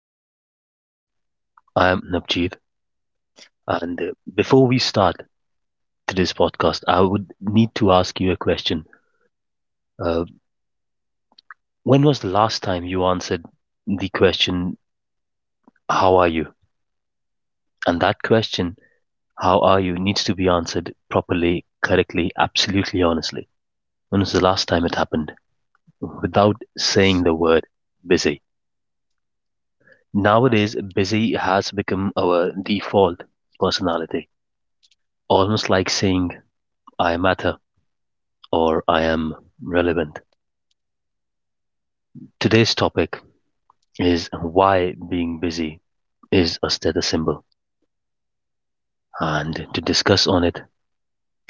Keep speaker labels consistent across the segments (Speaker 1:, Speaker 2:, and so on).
Speaker 1: the podcast. I am Navjeet, and before we start today's podcast, I would need to ask you a question. Uh, when was the last time you answered the question, how are you? And that question, how are you, needs to be answered properly, correctly, absolutely honestly. When was the last time it happened? Without saying the word busy. Nowadays, busy has become our default personality, almost like saying, I matter or I am relevant. Today's topic is why being busy is a status symbol. And to discuss on it,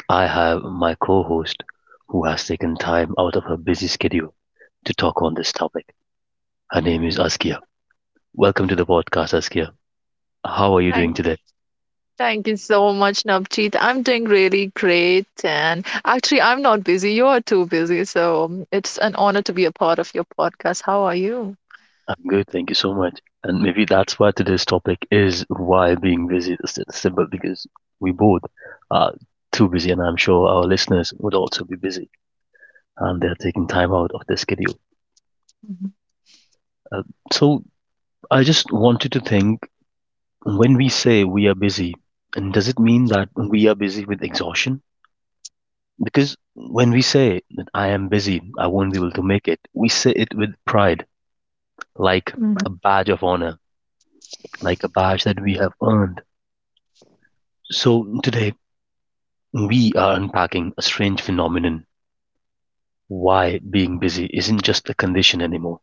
Speaker 1: I have my co-host who has taken time out of her busy schedule to talk on this topic. Her name is Askia. Welcome to the podcast, Askia. How are you doing
Speaker 2: Thank,
Speaker 1: today?
Speaker 2: thank you so much, Navjeet. I'm doing really great. And actually, I'm not busy. You're too busy. So it's an honor to be a part of your podcast. How are you?
Speaker 1: I'm good, thank you so much. And maybe that's why today's topic is why being busy is a status symbol because we both are too busy, and I'm sure our listeners would also be busy, and they're taking time out of their schedule.
Speaker 2: Mhm.
Speaker 1: Uh, so I just want you to think, when we say we are busy, and does it mean that we are busy with exhaustion? Because when we say that I am busy, I won't be able to make it, we say it with pride, like
Speaker 2: Mhm.
Speaker 1: a badge of honor, like a badge that we have earned. So today, we are unpacking a strange phenomenon: why being busy isn't just a condition anymore,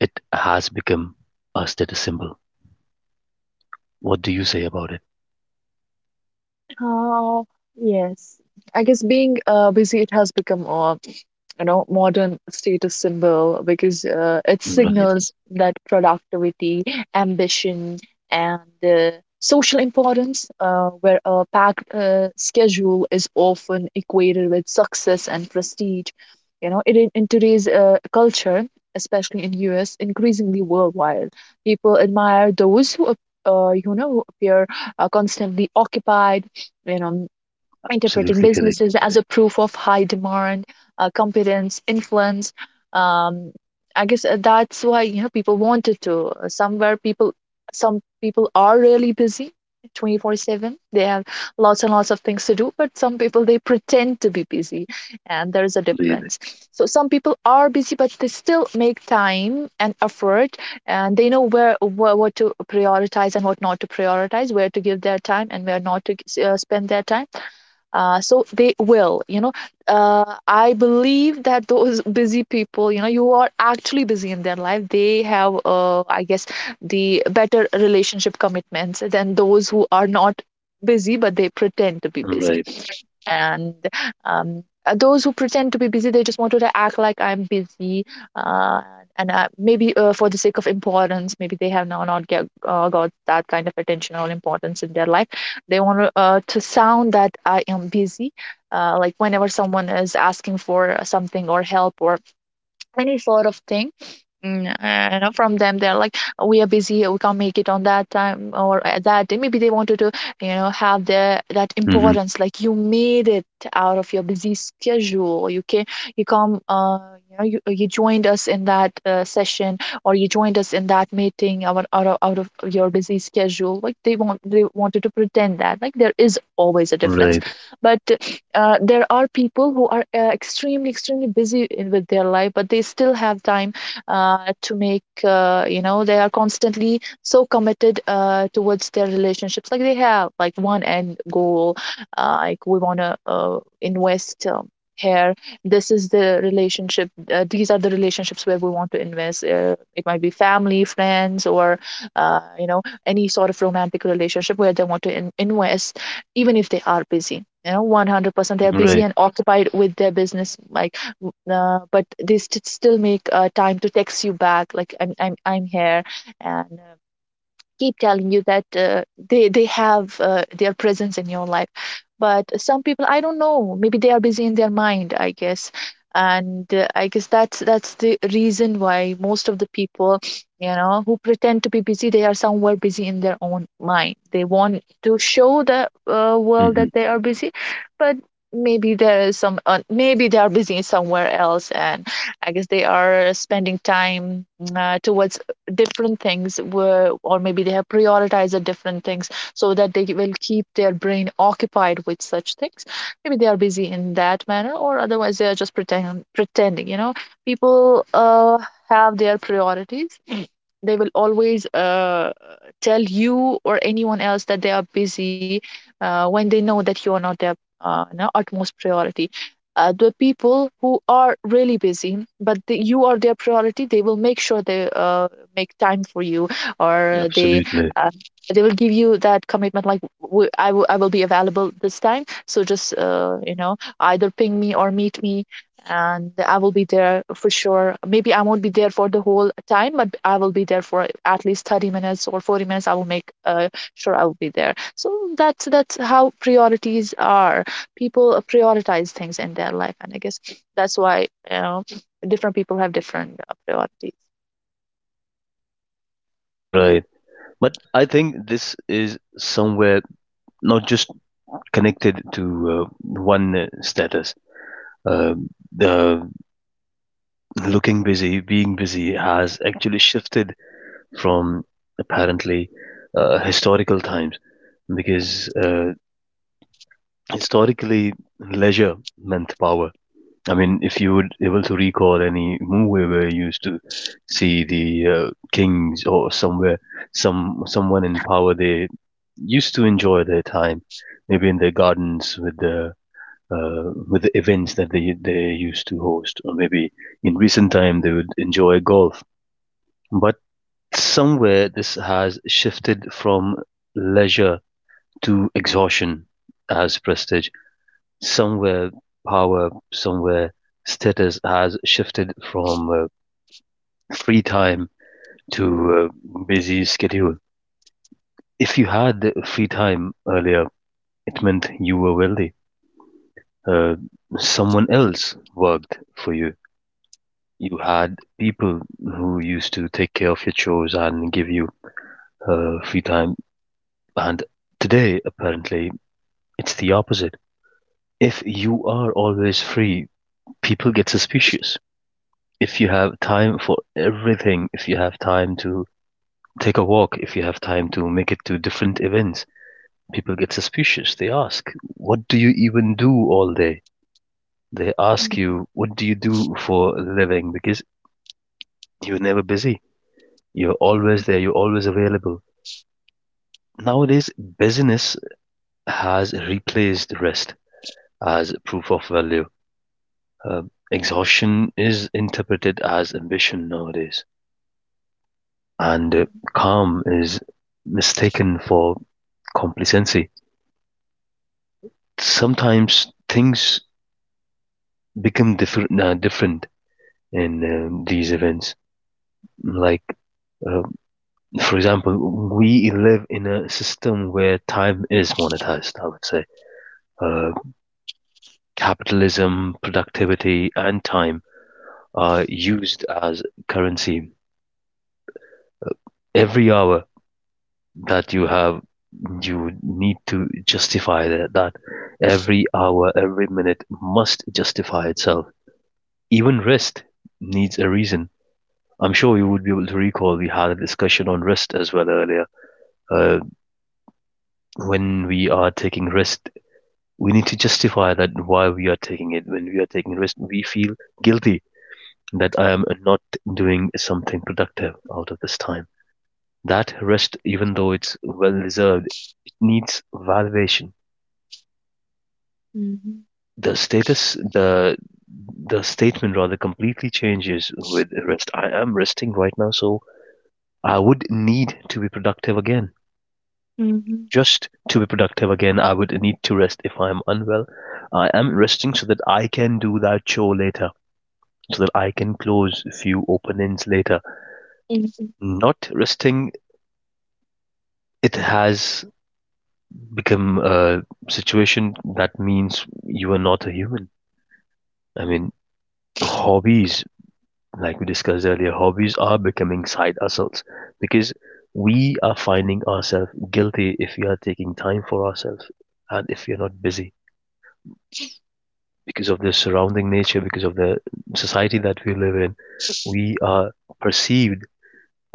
Speaker 1: it has become a status symbol. What do you say about it?
Speaker 2: Uh, yes. I guess being busy, it has become a modern status symbol because it
Speaker 1: Right.
Speaker 2: signals that productivity, ambition, and uh, social importance, where a packed schedule is often equated with success and prestige. You know, it, in today's culture, especially in US, increasingly worldwide, people admire those who, ap- you know, who appear constantly occupied Venom interpreting
Speaker 1: Absolutely correct.
Speaker 2: businesses as a proof of high demand, competence, influence. Um, I guess that's why people wanted to. Somewhere some people are really busy, 24/7. They have lots and lots of things to do, but some people they pretend to be busy, and there is a
Speaker 1: Indeed.
Speaker 2: difference. So some people are busy, but they still make time and effort, and they know where what to prioritize and what not to prioritize, where to give their time and where not to spend their time, so they will, I believe that those busy people, you are actually busy in their life. They have, I guess, the better relationship commitments than those who are not busy but they pretend to be busy.
Speaker 1: Right.
Speaker 2: And those who pretend to be busy, they just wanted to act like I'm busy. Uh, and uh, maybe, for the sake of importance, maybe they have now not got that kind of attention or importance in their life. They want to sound that I am busy, like whenever someone is asking for something or help or any sort of thing. From them they're like, "Oh, we are busy, we can't make it on that time or at that day." Maybe they wanted to have the that
Speaker 1: Hmm.
Speaker 2: importance, like you made it out of your busy schedule. You can you come you know you, you joined us in that session, or you joined us in that meeting out of your busy schedule. Like they wanted to pretend that, like, there is always a difference.
Speaker 1: Right.
Speaker 2: But there are people who are extremely extremely busy with their life, but they still have time to make, they are constantly so committed towards their relationships. Like they have, like, one end goal. Like we want to invest, here, this is the relationship, these are the relationships where we want to invest. It might be family, friends, or any sort of romantic relationship where they want to invest. Even if they are busy, 100% they're busy
Speaker 1: Right.
Speaker 2: and occupied with their business, like but they still make time to text you back, like I'm here. And keep telling you that, they have their presence in your life. But some people, I don't know, maybe they are busy in their mind, I guess. And I guess that's the reason why most of the people who pretend to be busy, they are somewhere busy in their own mind. They want to show the world
Speaker 1: Hmm.
Speaker 2: that they are busy. But maybe there is some maybe they are busy somewhere else. And I guess they are spending time towards different things were, or maybe they have prioritized different things so that they will keep their brain occupied with such things. Maybe they are busy in that manner, or otherwise they are just pretending. People have their priorities. They will always tell you or anyone else that they are busy when they know that you are not their, no, utmost priority. The people who are really busy, but you are their priority, they will make sure they make time for you, or they
Speaker 1: Absolutely.
Speaker 2: uh, they will give you that commitment, like I will be available this time. So just, either ping me or meet me, and I will be there for sure. Maybe I won't be there for the whole time, but I will be there for at least 30 minutes or 40 minutes. I will make sure I will be there. So that's how priorities are. People prioritize things in their life, and I guess that's why different people have different priorities.
Speaker 1: Right. But I think this is somewhere not just connected to one status. Um the looking busy, being busy has actually shifted from, apparently, historical times, because historically leisure meant power. I mean, if you would able to recall any movie where you used to see the kings or somewhere, someone in power, they used to enjoy their time, maybe in their gardens with the events that they used to host, or maybe in recent time they would enjoy golf. But somewhere this has shifted from leisure to exhaustion as prestige. Somewhere power, somewhere status has shifted from free time to a busy schedule. If you had free time earlier, it meant you were wealthy. Uh, Someone else worked for you. You had people who used to take care of your chores and give you free time. And today, apparently, it's the opposite. If you are always free, people get suspicious. If you have time for everything, if you have time to take a walk, if you have time to make it to different events, people get suspicious. They ask, what do you even do all day? They ask
Speaker 2: Mhm,
Speaker 1: you, what do you do for a living? Because you're never busy. You're always there, you're always available. Nowadays, busyness has replaced rest as proof of value. Exhaustion is interpreted as ambition nowadays, and calm is mistaken for complacency. Sometimes things become different, different in these events. Like, uh, for example, we live in a system where time is monetized, I would say. Uh, Capitalism, productivity, and time are used as currency. Every hour that you have, you need to justify that. Every hour, every minute must justify itself. Even rest needs a reason. I'm sure you would be able to recall we had a discussion on rest as well earlier. Uh, when we are taking rest, we need to justify that why we are taking it. When we are taking rest, we feel guilty that I am not doing something productive out of this time. That rest, even though it's well deserved, it needs validation.
Speaker 2: mhm,
Speaker 1: The status, the statement rather completely changes with rest. I am resting right now, so I would need to be productive again.
Speaker 2: mhm,
Speaker 1: Just to be productive again, I would need to rest if I'm unwell. I am resting so that I can do that chore later, so that I can close a few open ends later.
Speaker 2: mhm,
Speaker 1: Not resting, it has become a situation that means you are not a human. I mean, hobbies, like we discussed earlier, hobbies are becoming side hustles because we are finding ourselves guilty if we are taking time for ourselves and if we are not busy. Because of the surrounding nature, because of the society that we live in, we are perceived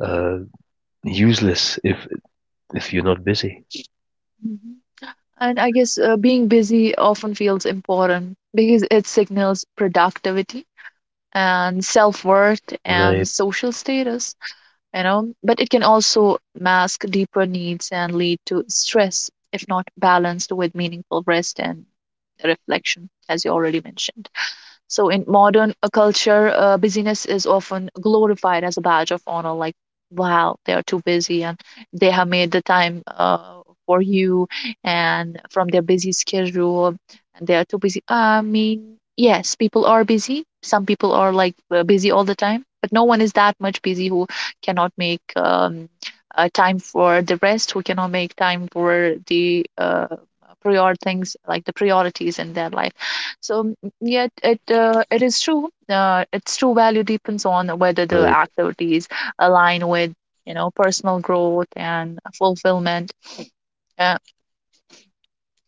Speaker 1: uh, useless if you're not busy.
Speaker 2: mhm. And I guess being busy often feels important because it signals productivity and self worth and
Speaker 1: Right,
Speaker 2: social status, but it can also mask deeper needs and lead to stress if not balanced with meaningful rest and reflection, as you already mentioned. So in modern culture, busyness is often glorified as a badge of honor, like, wow, they are too busy and they have made the time for you and from their busy schedule and they are too busy. I mean, yes, people are busy. Some people are like busy all the time, but no one is that much busy who cannot make time for the rest, who cannot make time for the prior things, like the priorities in their life. So, yet it is true. Its true value depends on whether the
Speaker 1: right,
Speaker 2: activities align with personal growth and fulfillment. Uh,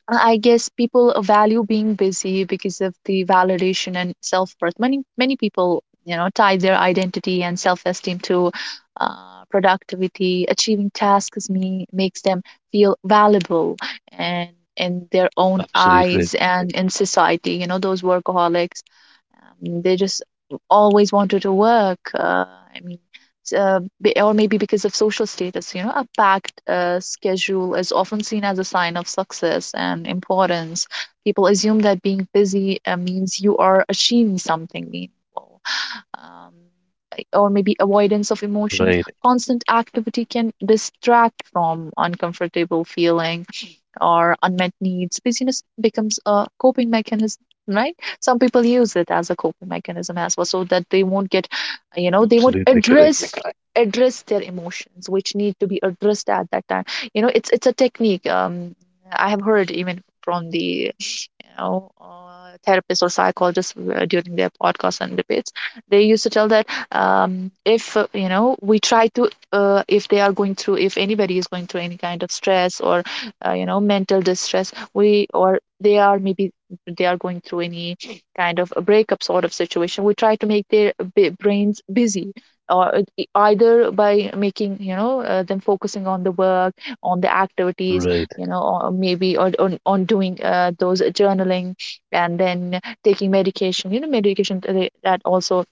Speaker 2: I guess people value being busy because of the validation and self worth. Many people tie their identity and self esteem to productivity. Achieving tasks me makes them feel valuable and in their own
Speaker 1: absolutely,
Speaker 2: eyes and in society. You know those workaholics, they just always wanted to work. I mean, s- be- or maybe because of social status, you know, a packed schedule is often seen as a sign of success and importance. People assume that being busy means you are achieving something meaningful. Um, or maybe avoidance of emotions.
Speaker 1: right,
Speaker 2: Constant activity can distract from uncomfortable feelings or unmet needs. Busyness becomes a coping mechanism, right? Some people use it as a coping mechanism as well, so that they won't you know, they won't
Speaker 1: absolutely correct.
Speaker 2: address address their emotions, which need to be addressed at that time. You know, it's a technique. I have heard even from the. Therapists or psychologists during their podcasts and debates, they used to tell that, if we try to, if they are going through, if anybody is going through any kind of stress or mental distress, we or they are maybe they are going through any kind of a breakup sort of situation, we try to make their brains busy, or either by making, them focusing on the work, on the activities,
Speaker 1: Right,
Speaker 2: or maybe on doing those journaling. And then taking medication you know medication th- they- that also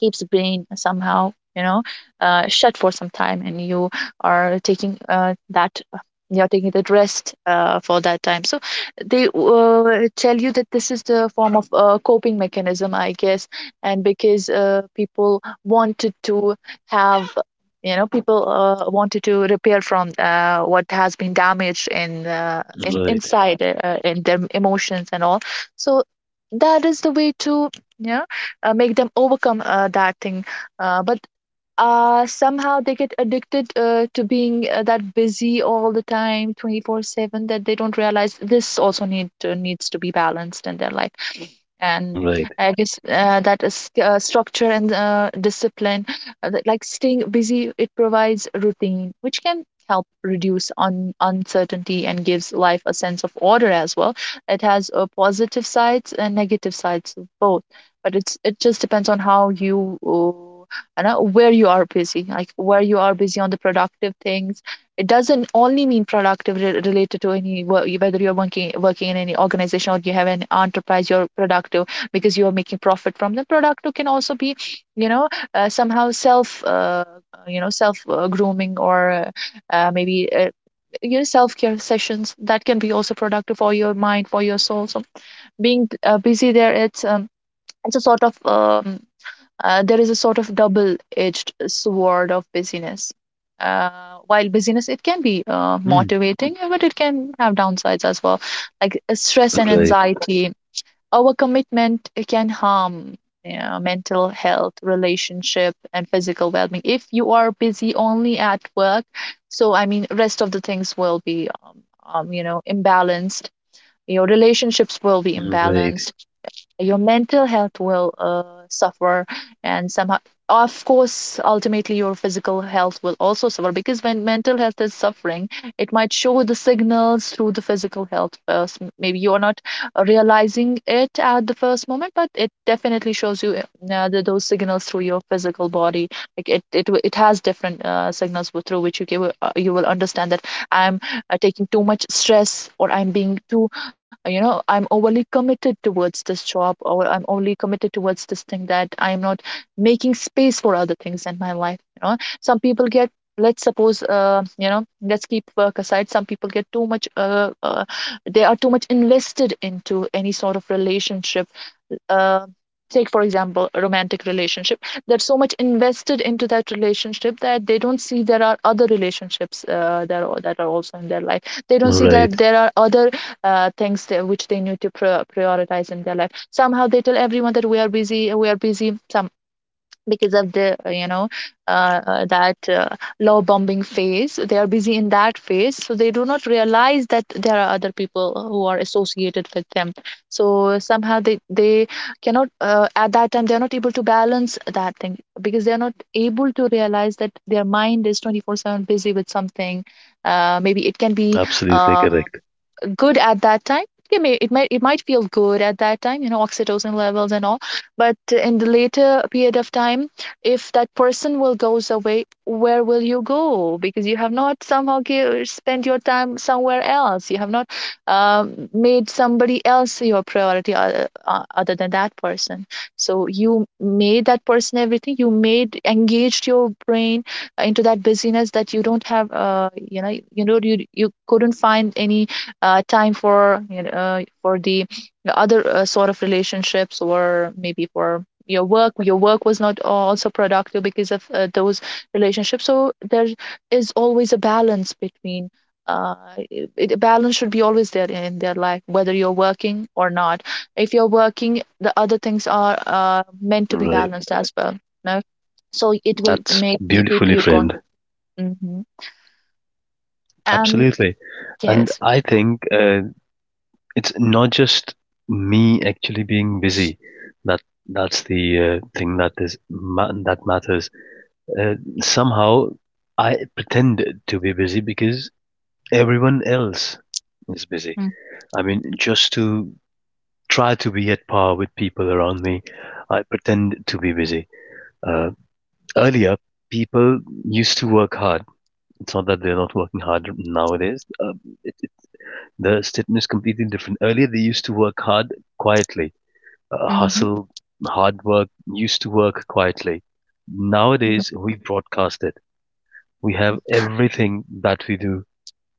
Speaker 2: keeps the brain somehow, shut for some time. And you are taking that rest for that time. So they tell you that this is the form of coping mechanism, I guess. And because have people wanted to repair from what has been damaged
Speaker 1: right,
Speaker 2: in
Speaker 1: right,
Speaker 2: inside in their emotions and all. So that is the way to, yeah, make them overcome that thing. But somehow they get addicted to being that busy all the time, 24/7, that they don't realize this also needs to be balanced in their life. And I guess that is structure and discipline, that, like, staying busy, it provides routine which can help reduce uncertainty and gives life a sense of order as well. It has positive sides and negative sides both. But it just depends on how you, you know where you are busy, like where you are busy on the productive things. It doesn't only mean productive, related to any whether you're working in any organization or you have an enterprise. You're productive because you are making profit from them. Productive can also be, you know, somehow self, you know, self grooming, or maybe self care sessions that can be also productive for your mind, for your soul. So being busy there, it's a sort of, there is a sort of double-edged sword of busyness. While busyness, it can be
Speaker 1: mm.
Speaker 2: motivating, but it can have downsides as well, like stress and
Speaker 1: Right,
Speaker 2: anxiety. Our commitment can harm mental health, relationship, and physical well-being. If you are busy only at work, so I mean, rest of the things will be, imbalanced. Your relationships will be
Speaker 1: right,
Speaker 2: imbalanced. Your mental health will suffer, and somehow, of course, ultimately your physical health will also suffer, because when mental health is suffering, it might show the signals through the physical health first. Maybe you're not realizing it at the first moment, but it definitely shows you those signals through your physical body. Like it has different signals, through which you will understand that I'm taking too much stress, or I'm being too, I'm overly committed towards this job, or I'm overly committed towards this thing, that I'm not making space for other things in my life. You know, some people get, let's suppose, let's keep work aside. Some people get too much they are too much invested into any sort of relationship. uh, Take for example a romantic relationship. They're so much invested into that relationship that they don't see there are other relationships, that are also in their life. They don't see
Speaker 1: right,
Speaker 2: that there are other things which they need to prioritize in their life. Somehow they tell everyone that we are busy, we are busy. Some, because of the you know that law bombing phase, they are busy in that phase, so they do not realize that there are other people who are associated with them. So somehow they cannot, at that time they are not able to balance that thing, because they are not able to realize that their mind is 24/7 busy with something. Maybe it can be
Speaker 1: absolutely
Speaker 2: uh,
Speaker 1: correct.
Speaker 2: good at that time. It might feel good at that time, you know, oxytocin levels and all. But in the later period of time, if that person will goes away, where will you go? Because you have not somehow spent your time somewhere else. You have not made somebody else your priority other than that person. So you made that person everything. You made engaged your brain into that busyness, that you don't have you couldn't find any time for for the other sort of relationships, or maybe for your work. Your work was not also productive because of those relationships. So there is always a balance between uh, balance should be always there in their life, whether you're working or not. If you're working, the other things are meant to be
Speaker 1: Right,
Speaker 2: balanced as well, no? So it will
Speaker 1: that's
Speaker 2: make keep
Speaker 1: beautifully
Speaker 2: you going.
Speaker 1: framed.
Speaker 2: Mhm. And
Speaker 1: Absolutely, and
Speaker 2: yes.
Speaker 1: I think it's not just me actually being busy that that's the thing that that matters. Uh, somehow I pretend to be busy because everyone else is busy.
Speaker 2: Mm-hmm.
Speaker 1: I mean, just to try to be at par with people around me, I pretend to be busy. uh, Earlier people used to work hard. It's not that they're not working hard nowadays. It, it, the statement is completely different. Earlier they used to work hard quietly.
Speaker 2: Mm-hmm.
Speaker 1: Hustle, hard work, used to work quietly. Nowadays, we broadcast it. We have everything that we do,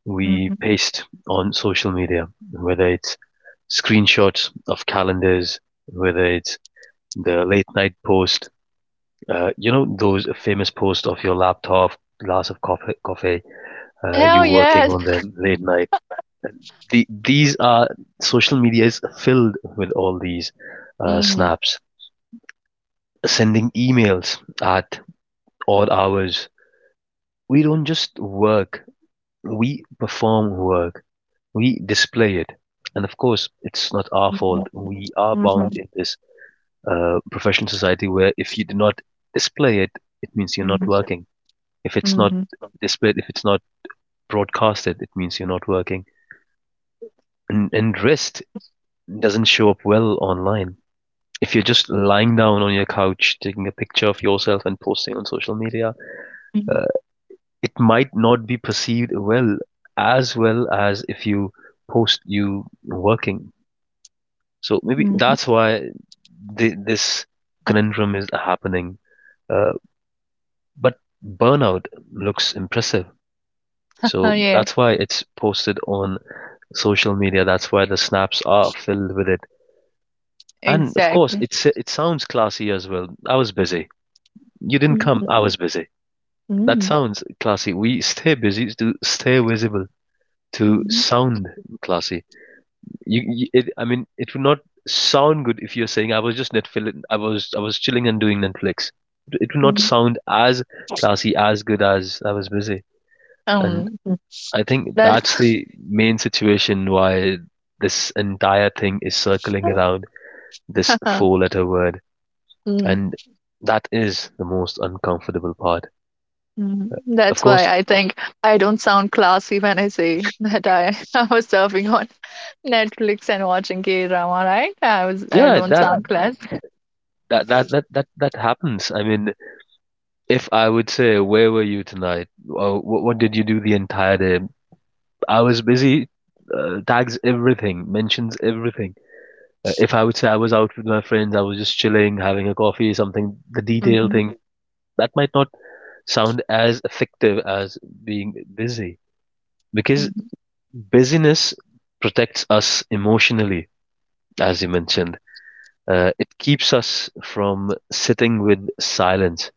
Speaker 1: we
Speaker 2: Mm-hmm.
Speaker 1: paste on social media, whether it's screenshots of calendars, whether it's the late night post, you know, those famous posts of your laptop, glass of coffee, you
Speaker 2: Hell
Speaker 1: working
Speaker 2: yes.
Speaker 1: on them late night. These are, social media is filled with all these
Speaker 2: Mhm.
Speaker 1: snaps, sending emails at odd hours. We don't just work, we perform work, we display it. And of course, it's not our
Speaker 2: Mhm.
Speaker 1: fault. We are
Speaker 2: Mhm.
Speaker 1: bound in this professional society where if you do not display it, it means you're not
Speaker 2: Mhm.
Speaker 1: working. If it's not
Speaker 2: Mhm.
Speaker 1: displayed, if it's not broadcasted, it means you're not working. And rest doesn't show up well online. If you're just lying down on your couch, taking a picture of yourself and posting on social media,
Speaker 2: Mhm.
Speaker 1: uh, it might not be perceived well as if you post you working. So maybe
Speaker 2: Mhm.
Speaker 1: that's why this conundrum is happening. Uh, but burnout looks impressive.
Speaker 2: Oh
Speaker 1: So
Speaker 2: yeah,
Speaker 1: that's why it's posted on social media. That's why the snaps are filled with it. And of course,
Speaker 2: exactly.
Speaker 1: it's, it sounds classy as well. I was busy. You didn't come. I
Speaker 2: Mhm.
Speaker 1: was busy. That
Speaker 2: Mhm.
Speaker 1: sounds classy. We stay busy to stay visible, to
Speaker 2: Mhm.
Speaker 1: sound classy. I mean, it would not sound good if you're saying I was just Netflix. I was chilling and doing Netflix. It would not
Speaker 2: Mhm.
Speaker 1: sound as classy, as good as I was busy. And
Speaker 2: Um,
Speaker 1: I think
Speaker 2: that's
Speaker 1: that's the main situation why this entire thing is circling around this four-letter word,
Speaker 2: Mhm.
Speaker 1: and that is the most uncomfortable part.
Speaker 2: Mhm.
Speaker 1: Of
Speaker 2: That's why
Speaker 1: course,
Speaker 2: I think I don't sound classy when I say that I was surfing on Netflix and watching K drama, right? I
Speaker 1: yeah,
Speaker 2: don't, yeah,
Speaker 1: that
Speaker 2: sound classy.
Speaker 1: that happens. I mean, if I would say, "Where were you tonight? Or, what did you do the entire day?" I was busy. Tags everything, mentions everything. If I would say I was out with my friends, I was just chilling, having a coffee, something, the detail
Speaker 2: Mm-hmm.
Speaker 1: thing, that might not sound as effective as being busy because
Speaker 2: Mm-hmm.
Speaker 1: busyness protects us emotionally, as you mentioned. It keeps us from sitting with silence.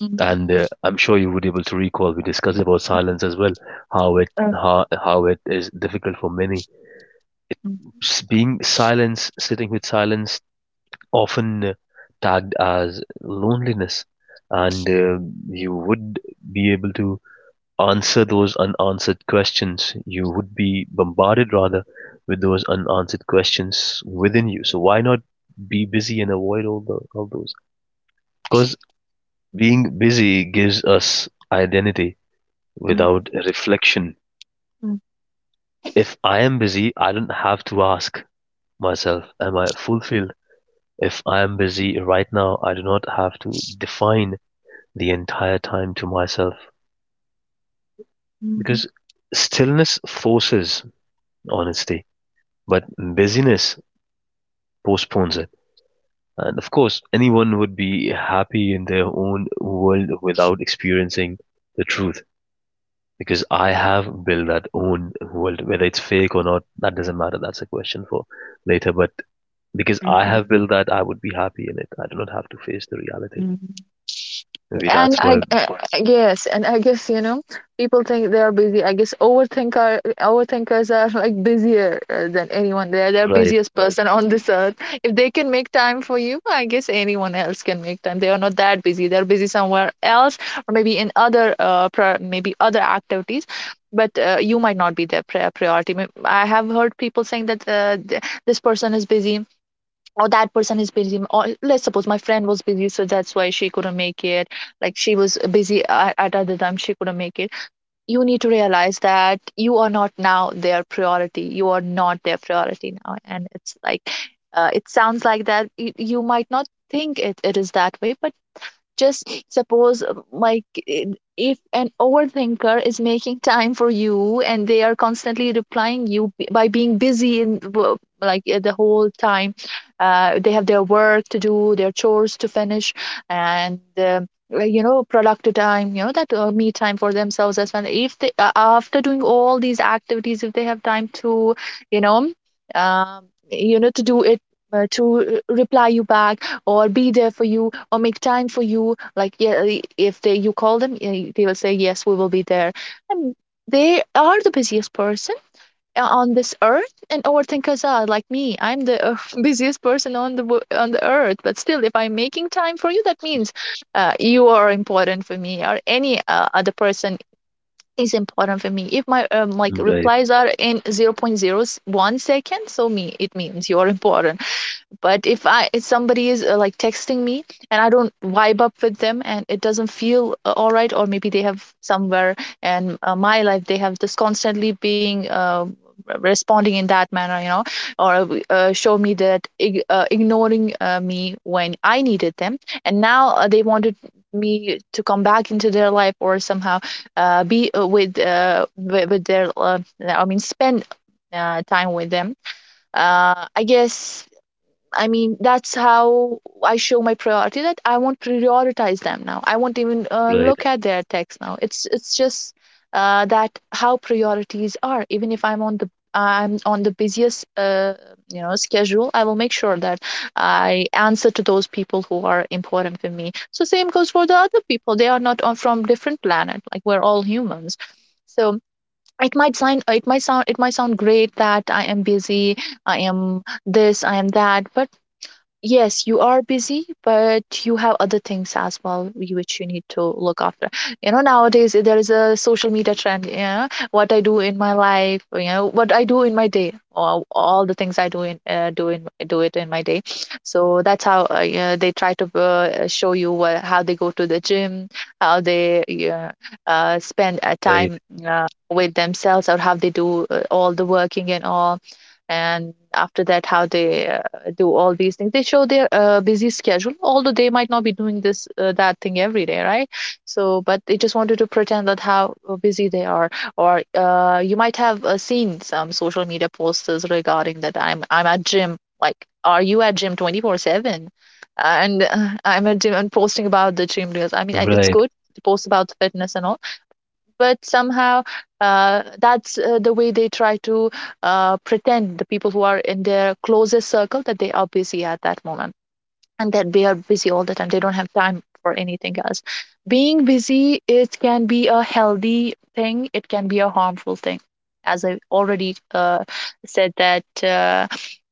Speaker 2: Mm-hmm.
Speaker 1: And I'm sure you would be able to recall we discussed about silence as well, how it is difficult for many being silence, sitting with silence, often tagged as loneliness, and you would be able to answer those unanswered questions. You would be bombarded rather with those unanswered questions within you. So why not be busy and avoid all those? Because being busy gives us identity
Speaker 2: Mm-hmm.
Speaker 1: without reflection. If I am busy, I don't have to ask myself, am I fulfilled? If I am busy right now, I do not have to define the entire time to myself
Speaker 2: Mm-hmm.
Speaker 1: because stillness forces honesty, but busyness postpones it. And of course, anyone would be happy in their own world without experiencing the truth, because I have built that own world, whether it's fake or not, that doesn't matter. That's a question for later. But because I have built that, I would be happy in it. I do not have to face the reality. Maybe
Speaker 2: And
Speaker 1: that's why,
Speaker 2: well, yes, and I guess, you know, people think they are busy. I guess overthinkers are like busier than anyone. They are the
Speaker 1: right,
Speaker 2: busiest, right, person on this earth. If they can make time for you, I guess anyone else can make time. They are not that busy. They are busy somewhere else, or maybe in other pri maybe other activities. But you might not be their priority. I have heard people saying that this person is busy, or that person is busy, or let's suppose my friend was busy, so that's why she couldn't make it. Like she was busy at other time, she couldn't make it. You need to realize that you are not now their priority, you are not their priority now, and it's like it sounds like that you might not think it is that way, but just suppose if an overthinker is making time for you and they are constantly replying you by being busy like the whole time. They have their work to do, their chores to finish, and like, you know, productive time, that me time for themselves as well. If they, after doing all these activities, if they have time to you know um, to do it to reply you back or be there for you or make time for you, like yeah, I- if they you call them, they will say yes, we will be there. And they are the busiest person on this earth, and overthinkers are like me. I'm the busiest person on on the earth. But still, if I'm making time for you, that means you are important for me, or any other person is important for me. If my like
Speaker 1: right.
Speaker 2: replies are in 0.0 0.01 seconds, so me it means you're important. But if somebody is like texting me, and I don't vibe up with them and it doesn't feel all right, or maybe they have somewhere and my life, they have this constantly being responding in that manner, or show me that ignoring me when I needed them, and now they wanted me to come back into their life, or somehow be with their I mean spend time with them. I guess I mean, that's how I show my priority, that I won't prioritize them now. I won't even
Speaker 1: Right,
Speaker 2: look at their text now. It's just that how priorities are. Even if I'm on the busiest schedule, I will make sure that I answer to those people who are important for me. So same goes for the other people. They are not on from different planet. Like we're all humans. So it might sound great that I am busy, I am this, I am that, but yes, you are busy, but you have other things as well, which you need to look after. You know, nowadays there is a social media trend, yeah, what I do in my life, you know, what I do in my day, or all the things I do in do in do it in my day. So that's how, yeah, they try to show you how they go to the gym, how they, yeah, spend
Speaker 1: right,
Speaker 2: time with themselves, or how they do all the working and all, and after that how they do all these things, they show their busy schedule, although they might not be doing this that thing every day, right? So but they just wanted to pretend that how busy they are, or you might have seen some social media posters regarding that, I'm at gym. Like, are you at gym 24/7? And I'm at gym and posting about the gym, because I mean, it's
Speaker 1: right,
Speaker 2: good to post about fitness and all. But somehow that's the way they try to pretend the people who are in their closest circle that they are busy at that moment, and that they are busy all the time, they don't have time for anything else. Being busy, it can be a healthy thing, it can be a harmful thing. As I already said, that uh,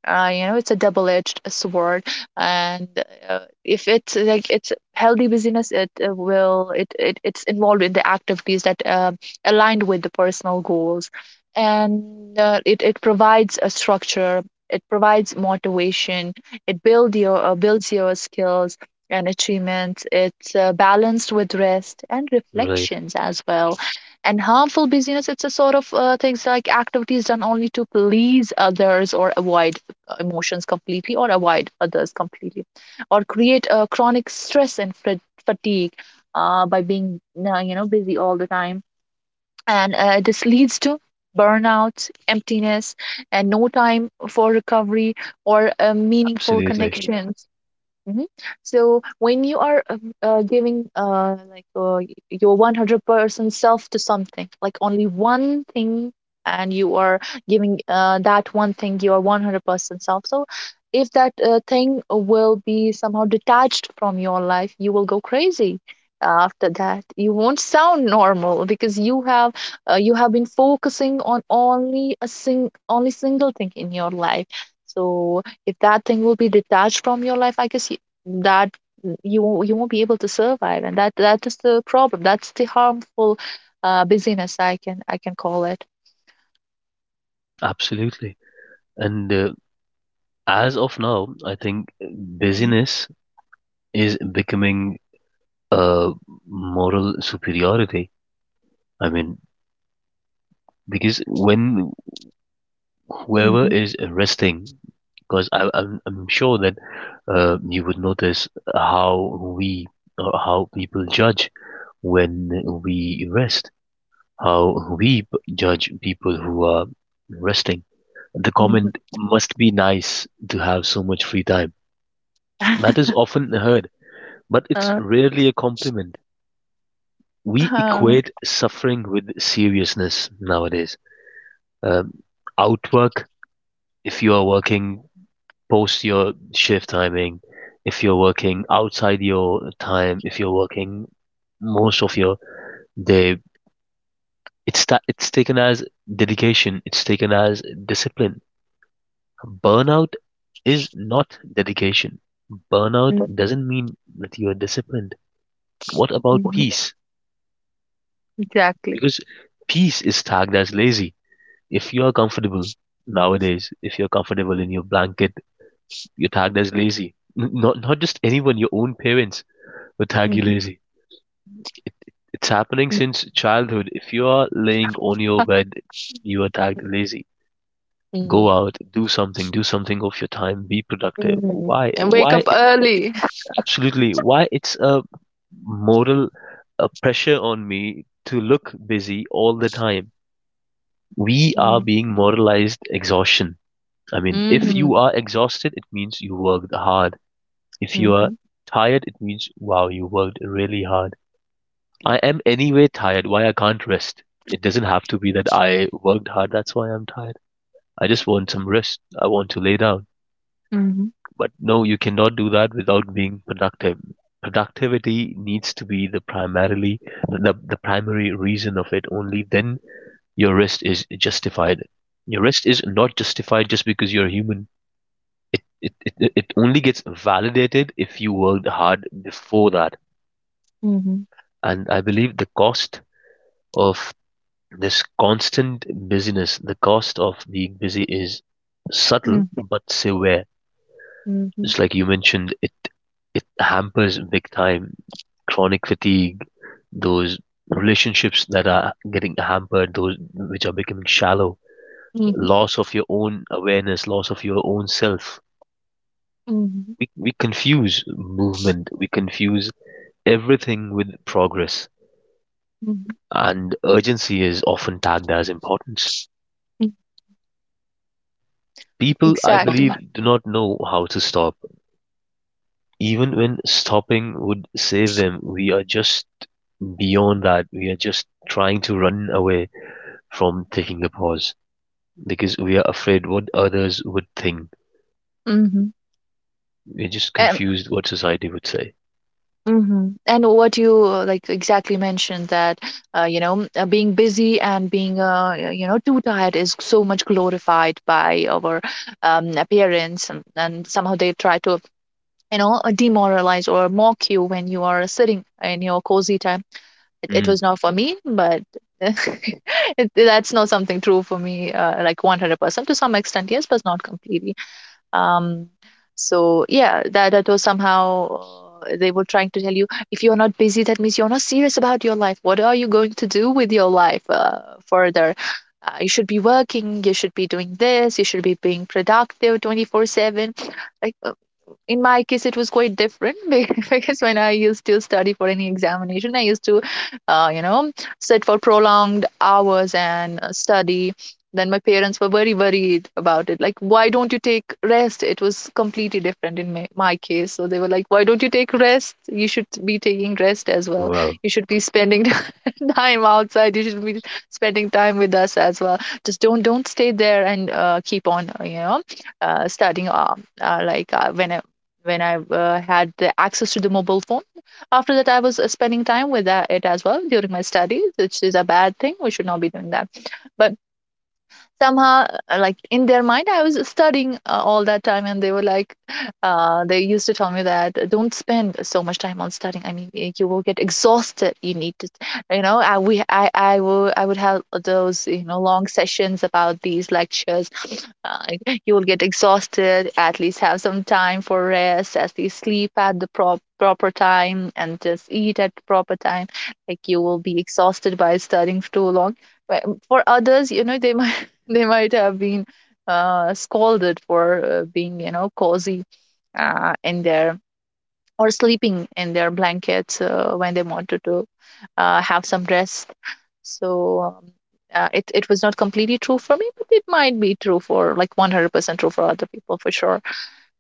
Speaker 2: uh, you know it's a double-edged sword. And uh, if it's healthy busyness, it will it, it it's involved in the activities that aligned with the personal goals, and it provides a structure, it provides motivation, it builds your skills and achievements. It's balanced with rest and
Speaker 1: right.
Speaker 2: reflections as well. And harmful busyness, it's a sort of things like activities done only to please others, or avoid emotions completely, or avoid others completely, or create a chronic stress and fatigue, by being busy all the time. And this leads to burnout, emptiness, and no time for recovery, or meaningful, yeah,
Speaker 1: Absolutely,
Speaker 2: connections. Mhm. So when you are giving, your 100% self to something, like only one thing, and you are giving, that one thing your 100% self. So if that thing will be somehow detached from your life, you will go crazy after that. You won't sound normal because you have been focusing on only a single thing in your life. So if that thing will be detached from your life, I guess that you won't be able to survive, and that is the problem. That's the harmful busyness, I can call it.
Speaker 1: absolutely. And as of now, I think
Speaker 2: Mm,
Speaker 1: busyness is becoming a moral superiority. I mean, because when whoever
Speaker 2: mhm,
Speaker 1: is resting, because I'm sure that you would notice how we or how people judge when we rest, how we judge people who are resting. The
Speaker 2: mhm.
Speaker 1: comment must be: nice to have so much free time. That is often heard, but it's
Speaker 2: Uh,
Speaker 1: rarely a compliment. We
Speaker 2: uh,
Speaker 1: equate suffering with seriousness nowadays. Um, Outwork, if you are working post your shift timing, if you're working outside your time, if you're working most of your day, it's taken as dedication, it's taken as discipline. Burnout is not dedication. Burnout
Speaker 2: mm,
Speaker 1: doesn't mean that you are disciplined. What about
Speaker 2: mhm.
Speaker 1: peace?
Speaker 2: Exactly.
Speaker 1: Because peace is tagged as lazy. If you are comfortable nowadays, if you're comfortable in your blanket, you're tagged as lazy. Not just anyone, your own parents will tag you
Speaker 2: Mhm,
Speaker 1: lazy. It's happening
Speaker 2: mm,
Speaker 1: since childhood. If you are laying on your bed, you are tagged lazy. Go
Speaker 2: mm,
Speaker 1: out, do something of your time, be productive.
Speaker 2: mhm.
Speaker 1: Why?
Speaker 2: And wake
Speaker 1: Why
Speaker 2: up
Speaker 1: it
Speaker 2: early.
Speaker 1: absolutely Why it's a moral pressure on me to look busy all the time. We are
Speaker 2: Mm,
Speaker 1: being moralized exhaustion. I mean, if
Speaker 2: mhm,
Speaker 1: you are exhausted, it means you worked hard. If you are
Speaker 2: mhm,
Speaker 1: tired, it means, wow, you worked really hard. I am anyway tired. Why I can't rest? It doesn't have to be that I worked hard. That's why I'm tired. I just want some rest. I want to lay down.
Speaker 2: mhm,
Speaker 1: But no, you cannot do that without being productive. Productivity needs to be the primarily the primary reason of it. Only then your rest is justified. Your rest is not justified just because you're human. It only gets validated if you worked hard before that.
Speaker 2: mhm,
Speaker 1: And I believe the cost of this constant busyness, the cost of being busy is subtle
Speaker 2: mhm,
Speaker 1: but severe.
Speaker 2: mhm,
Speaker 1: Just like you mentioned, it hampers big time. Chronic fatigue, those relationships that are getting hampered, those which are becoming shallow,
Speaker 2: mhm,
Speaker 1: loss of your own awareness, loss of your own self.
Speaker 2: mhm,
Speaker 1: We confuse movement, we confuse everything with progress,
Speaker 2: mhm.
Speaker 1: and urgency is often tagged as importance. People, I
Speaker 2: Exactly.
Speaker 1: believe, do not know how to stop. Even when stopping would save them, we are just beyond that. We are just trying to run away from taking a pause because we are afraid what others would think.
Speaker 2: Mm-hmm.
Speaker 1: We're just confused what society would say.
Speaker 2: Hmm. And what you like exactly mentioned, that being busy and being too tired is so much glorified by our parents, and somehow they try to demoralize or mock you when you are sitting in your cozy time. It
Speaker 1: Mm.
Speaker 2: was not for me, but that's not something true for me. Like, 100% to some extent, yes, but not completely. Um, so yeah, that was somehow, they were trying to tell you, if you're not busy, that means you're not serious about your life. What are you going to do with your life further? You should be working, you should be doing this, you should be being productive 24/7. Like, in my case, it was quite different. Because when I used to study for any examination, I used to, uh, you know, sit for prolonged hours and study. Then my parents were very worried about it. Like, why don't you take rest? It was completely different in my case. So they were like, why don't you take rest? You should be taking rest as well.
Speaker 1: Wow.
Speaker 2: You should be spending time outside. You should be spending time with us as well. Just don't stay there and keep on, studying. Like, when I had the access to the mobile phone. After that, I was spending time with it as well during my studies, which is a bad thing. We should not be doing that. But somehow, like, in their mind I was studying all that time, and they were like, they used to tell me that Don't spend so much time on studying, I mean, you will get exhausted, you need to, you know, I we I would I would have those, you know, long sessions about these lectures, uh, you will get exhausted, at least have some time for rest, at least sleep at the proper time and just eat at the proper time, like, you will be exhausted by studying for too long." But for others, you know, they might they might have been scolded for being, you know, cozy in their, or sleeping in their blankets when they wanted to have some rest. So it was not completely true for me, but it might be true for, like, 100% true for other people for sure.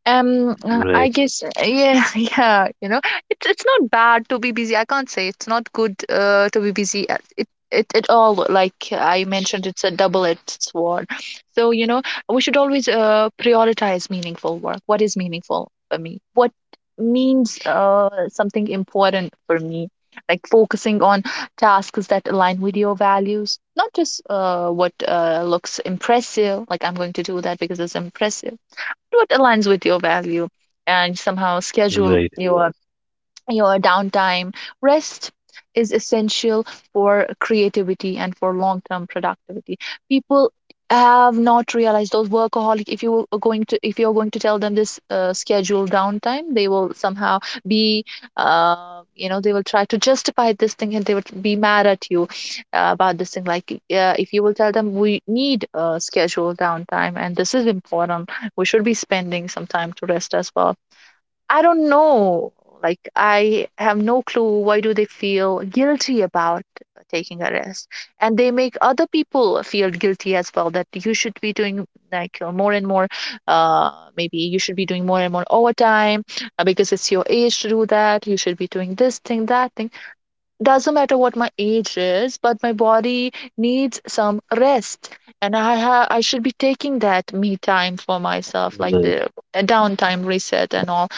Speaker 2: I
Speaker 1: Right.
Speaker 2: guess, yeah. Yeah, you know, it's not bad to be busy. I can't say it's not good to be busy. It all, like I mentioned, it's a double-edged sword. So, you know, we should always prioritize meaningful work. What is meaningful for me? What means something important for me? Like, focusing on tasks that align with your values, not just what looks impressive, like, I'm going to do that because it's impressive. What aligns with your value, and somehow schedule
Speaker 1: Right.
Speaker 2: your downtime. Rest is essential for creativity and for long term productivity. People have not realized, those workaholic, if you are going to if you're going to tell them this scheduled downtime, they will somehow be, you know, they will try to justify this thing and they will be mad at you about this thing, like, if you will tell them we need scheduled downtime and this is important, we should be spending some time to rest as well. I don't know. Like, I have no clue why do they feel guilty about taking a rest, and they make other people feel guilty as well, that you should be doing, like, more and more. Uh, Maybe you should be doing more and more overtime because it's your age to do that. You should be doing this thing, that thing. Doesn't matter what my age is, but my body needs some rest, and I should be taking that me time for myself, like
Speaker 1: Right.
Speaker 2: the downtime reset and all.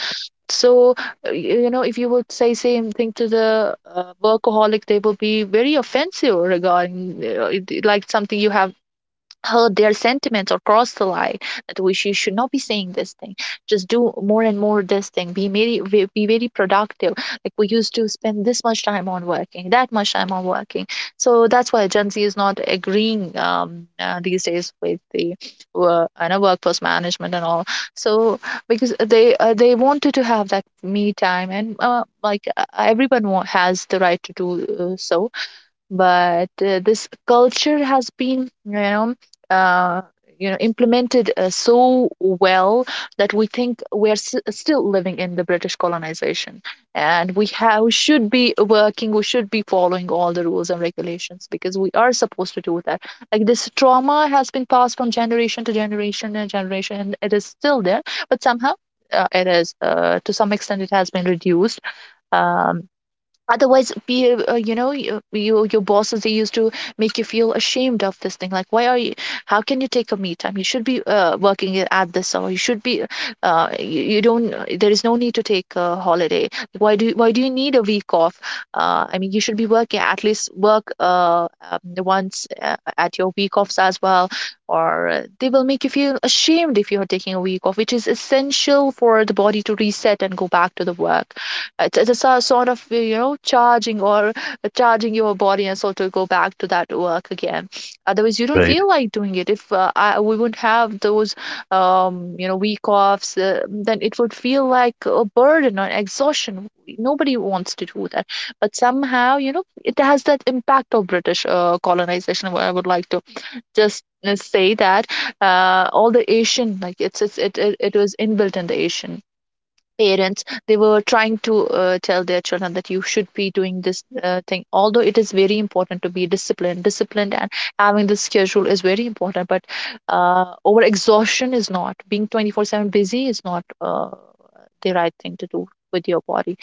Speaker 2: So, you know, if you would say same thing to the workaholic, they will be very offensive regarding like, something you have hurt their sentiments or cross the line, that we should not be saying this thing, just do more and more this thing, be very be very productive, like we used to spend this much time on working, that much time on working. So that's why Gen Z is not agreeing, these days, with the workforce management and all. So because they wanted to have that me time, and like, everyone has the right to do, so. But this culture has been, you know, uh, implemented so well, that we think we're still living in the British colonization, and we should be working, we should be following all the rules and regulations because we are supposed to do that. Like, this trauma has been passed from generation to generation and generation, and it is still there. But somehow, it is, to some extent, it has been reduced. Um, otherwise, be, you know, you, your bosses, they used to make you feel ashamed of this thing, like, why are you, how can you take a me time, you should be working, at this hour, you should be you don't, there is no need to take a holiday, why do you need a week off, I mean, you should be working, at least work, once at your week offs as well, or they will make you feel ashamed if you are taking a week off, which is essential for the body to reset and go back to the work. It's a sort of, you know, charging or charging your body and soul to go back to that work again. Otherwise, you don't
Speaker 1: Right.
Speaker 2: feel like doing it, if we wouldn't have those week offs, then it would feel like a burden or exhaustion. Nobody wants to do that. But somehow, you know, it has that impact of British colonization, I would like to just say that all the Asian, like, it was inbuilt in the Asian parents. They were trying to tell their children that you should be doing this thing, although it is very important to be disciplined, and having the schedule is very important, but over exhaustion is not, being 24/7 busy is not the right thing to do with your body.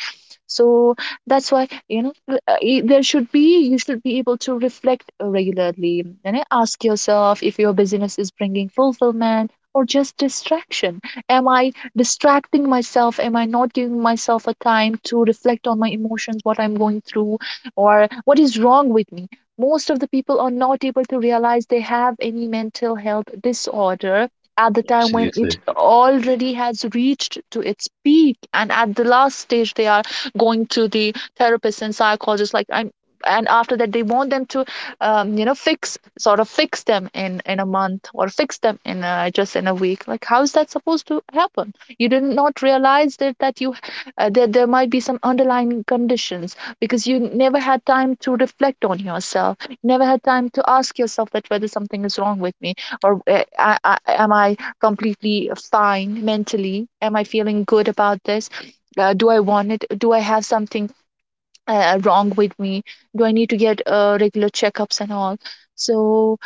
Speaker 2: So that's why, you know, there should be you should be able to reflect regularly and then ask yourself if your business is bringing fulfillment or just distraction. Am I distracting myself? Am I not giving myself a time to reflect on my emotions, what I'm going through, or what is wrong with me? Most of the people are not able to realize they have any mental health disorder at the time when it
Speaker 1: Absolutely.
Speaker 2: already has reached to its peak, and at the last stage they are going to the therapist and psychologist, like, I'm. And after that, they want them to, you know, fix, sort of fix them in a month, or fix them in just in a week. Like, how is that supposed to happen? You did not realize that you, that there might be some underlying conditions, because you never had time to reflect on yourself, you never had time to ask yourself that whether something is wrong with me, or, am I completely fine mentally? Am I feeling good about this? Do I want it? Do I have something wrong with me? Do I need to get regular checkups and all? So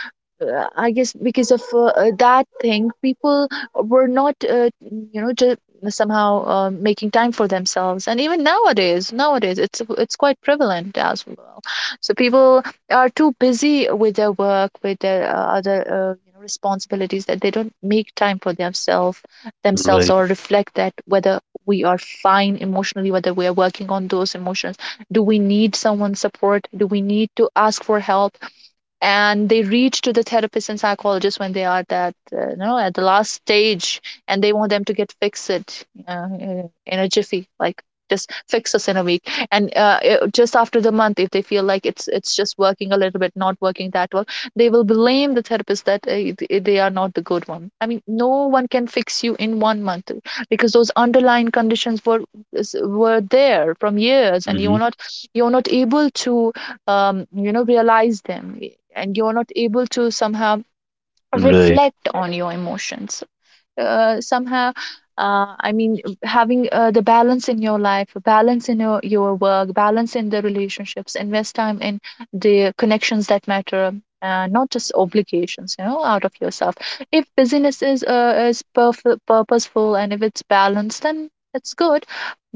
Speaker 2: I guess, because of that thing, people were not, you know, just somehow making time for themselves. And even nowadays, it's quite prevalent as well. So people are too busy with their work, with their other, responsibilities, that they don't make time for themselves,
Speaker 1: Right.
Speaker 2: or reflect that whether we are fine emotionally, whether we are working on those emotions. Do we need someone's support? Do we need to ask for help? And they reach to the therapist and psychologist when they are that, you know, at the last stage, and they want them to get fixed it in a jiffy, like, just fix us in a week. And just after the month, if they feel like it's just working a little bit, not working that well, they will blame the therapist that, they are not the good one. I mean, no one can fix you in one month, because those underlying conditions were, were there from years, and
Speaker 1: Mm-hmm.
Speaker 2: you're not able to, you know, realize them. And you're not able to somehow
Speaker 1: Right.
Speaker 2: act on your emotions, somehow, I mean, having the balance in your life, balance in your work, balance in the relationships, invest time in the connections that matter, not just
Speaker 1: Right.
Speaker 2: obligations, you know, out of yourself. If busyness is purposeful, and if it's balanced, then it's good.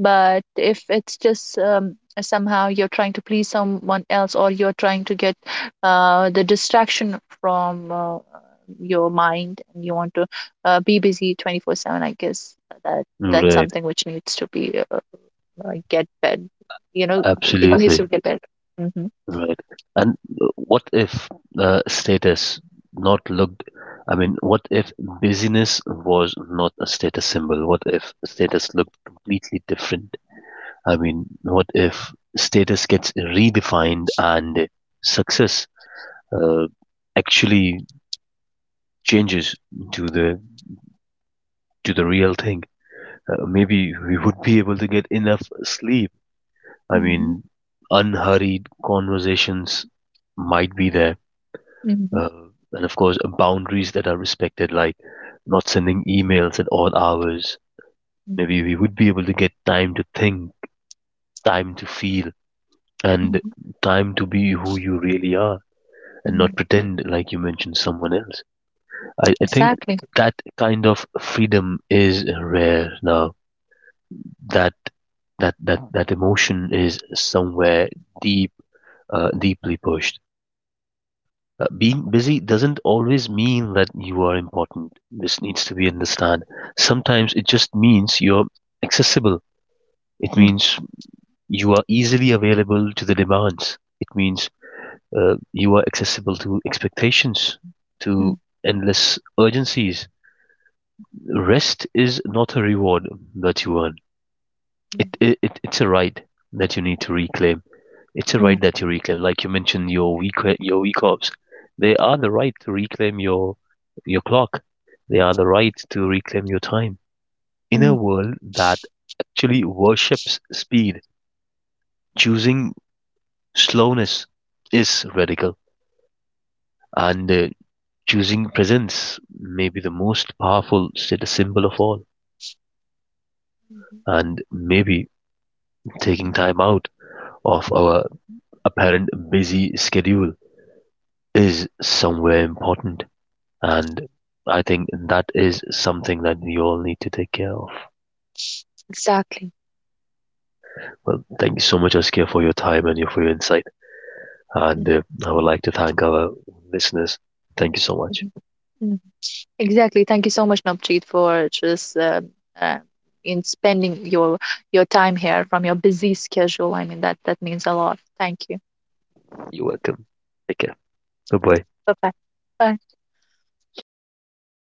Speaker 2: But if it's just, somehow you're trying to please someone else, or you're trying to get the distraction from your mind, and you want to be busy 24/7, I guess, that's
Speaker 1: Right.
Speaker 2: something which needs to be get better. You know, it needs
Speaker 1: Absolutely.
Speaker 2: to get better. Mm-hmm.
Speaker 1: Right. And what if status not looked, I mean, what if busyness was not a status symbol? What if status looked completely different? I mean, what if status gets redefined and success uh, actually changes to the to the real thing? Maybe we would be able to get enough sleep. I
Speaker 2: Mm-hmm.
Speaker 1: mean, unhurried conversations might be there.
Speaker 2: Mm-hmm.
Speaker 1: Uh, and of course, boundaries that are respected, like not sending emails at odd hours. Maybe we would be able to get time to think, time to feel, and
Speaker 2: Mm-hmm.
Speaker 1: time to be who you really are and
Speaker 2: Mm-hmm.
Speaker 1: not pretend like you mentioned someone else. I think
Speaker 2: Exactly.
Speaker 1: that kind of freedom is rare now. That that emotion is somewhere deep, deeply pushed. Being busy doesn't always mean that you are important. This needs to be understood. Sometimes it just means you're accessible. It
Speaker 2: Mm-hmm.
Speaker 1: means you are easily available to the demands. It means you are accessible to expectations,
Speaker 2: Mm-hmm.
Speaker 1: to endless urgencies. Rest is not a reward that you earn. It's a right that you need to reclaim. It's a
Speaker 2: Mm-hmm.
Speaker 1: right that you reclaim, like you mentioned your week offs. They are the right to reclaim your clock. They are the right to reclaim your time. In a world that actually worships speed, choosing slowness is radical, and choosing presence may be the most powerful status symbol of all.
Speaker 2: Mm-hmm.
Speaker 1: And maybe taking time out of our apparent busy schedule is somewhere important. And I think that is something that you all need to take care of.
Speaker 2: Exactly.
Speaker 1: Well, thank you so much, Askia, for your time and your, for your insight. And I would like to thank our listeners. Thank you so much.
Speaker 2: Mhm. Mhm. Exactly. Thank you so much, Navjeet, for just uh, in spending your time here from your busy schedule. I mean, that means a lot. Thank you.
Speaker 1: You're welcome. Take care. Bye bye.
Speaker 2: Bye bye. Bye.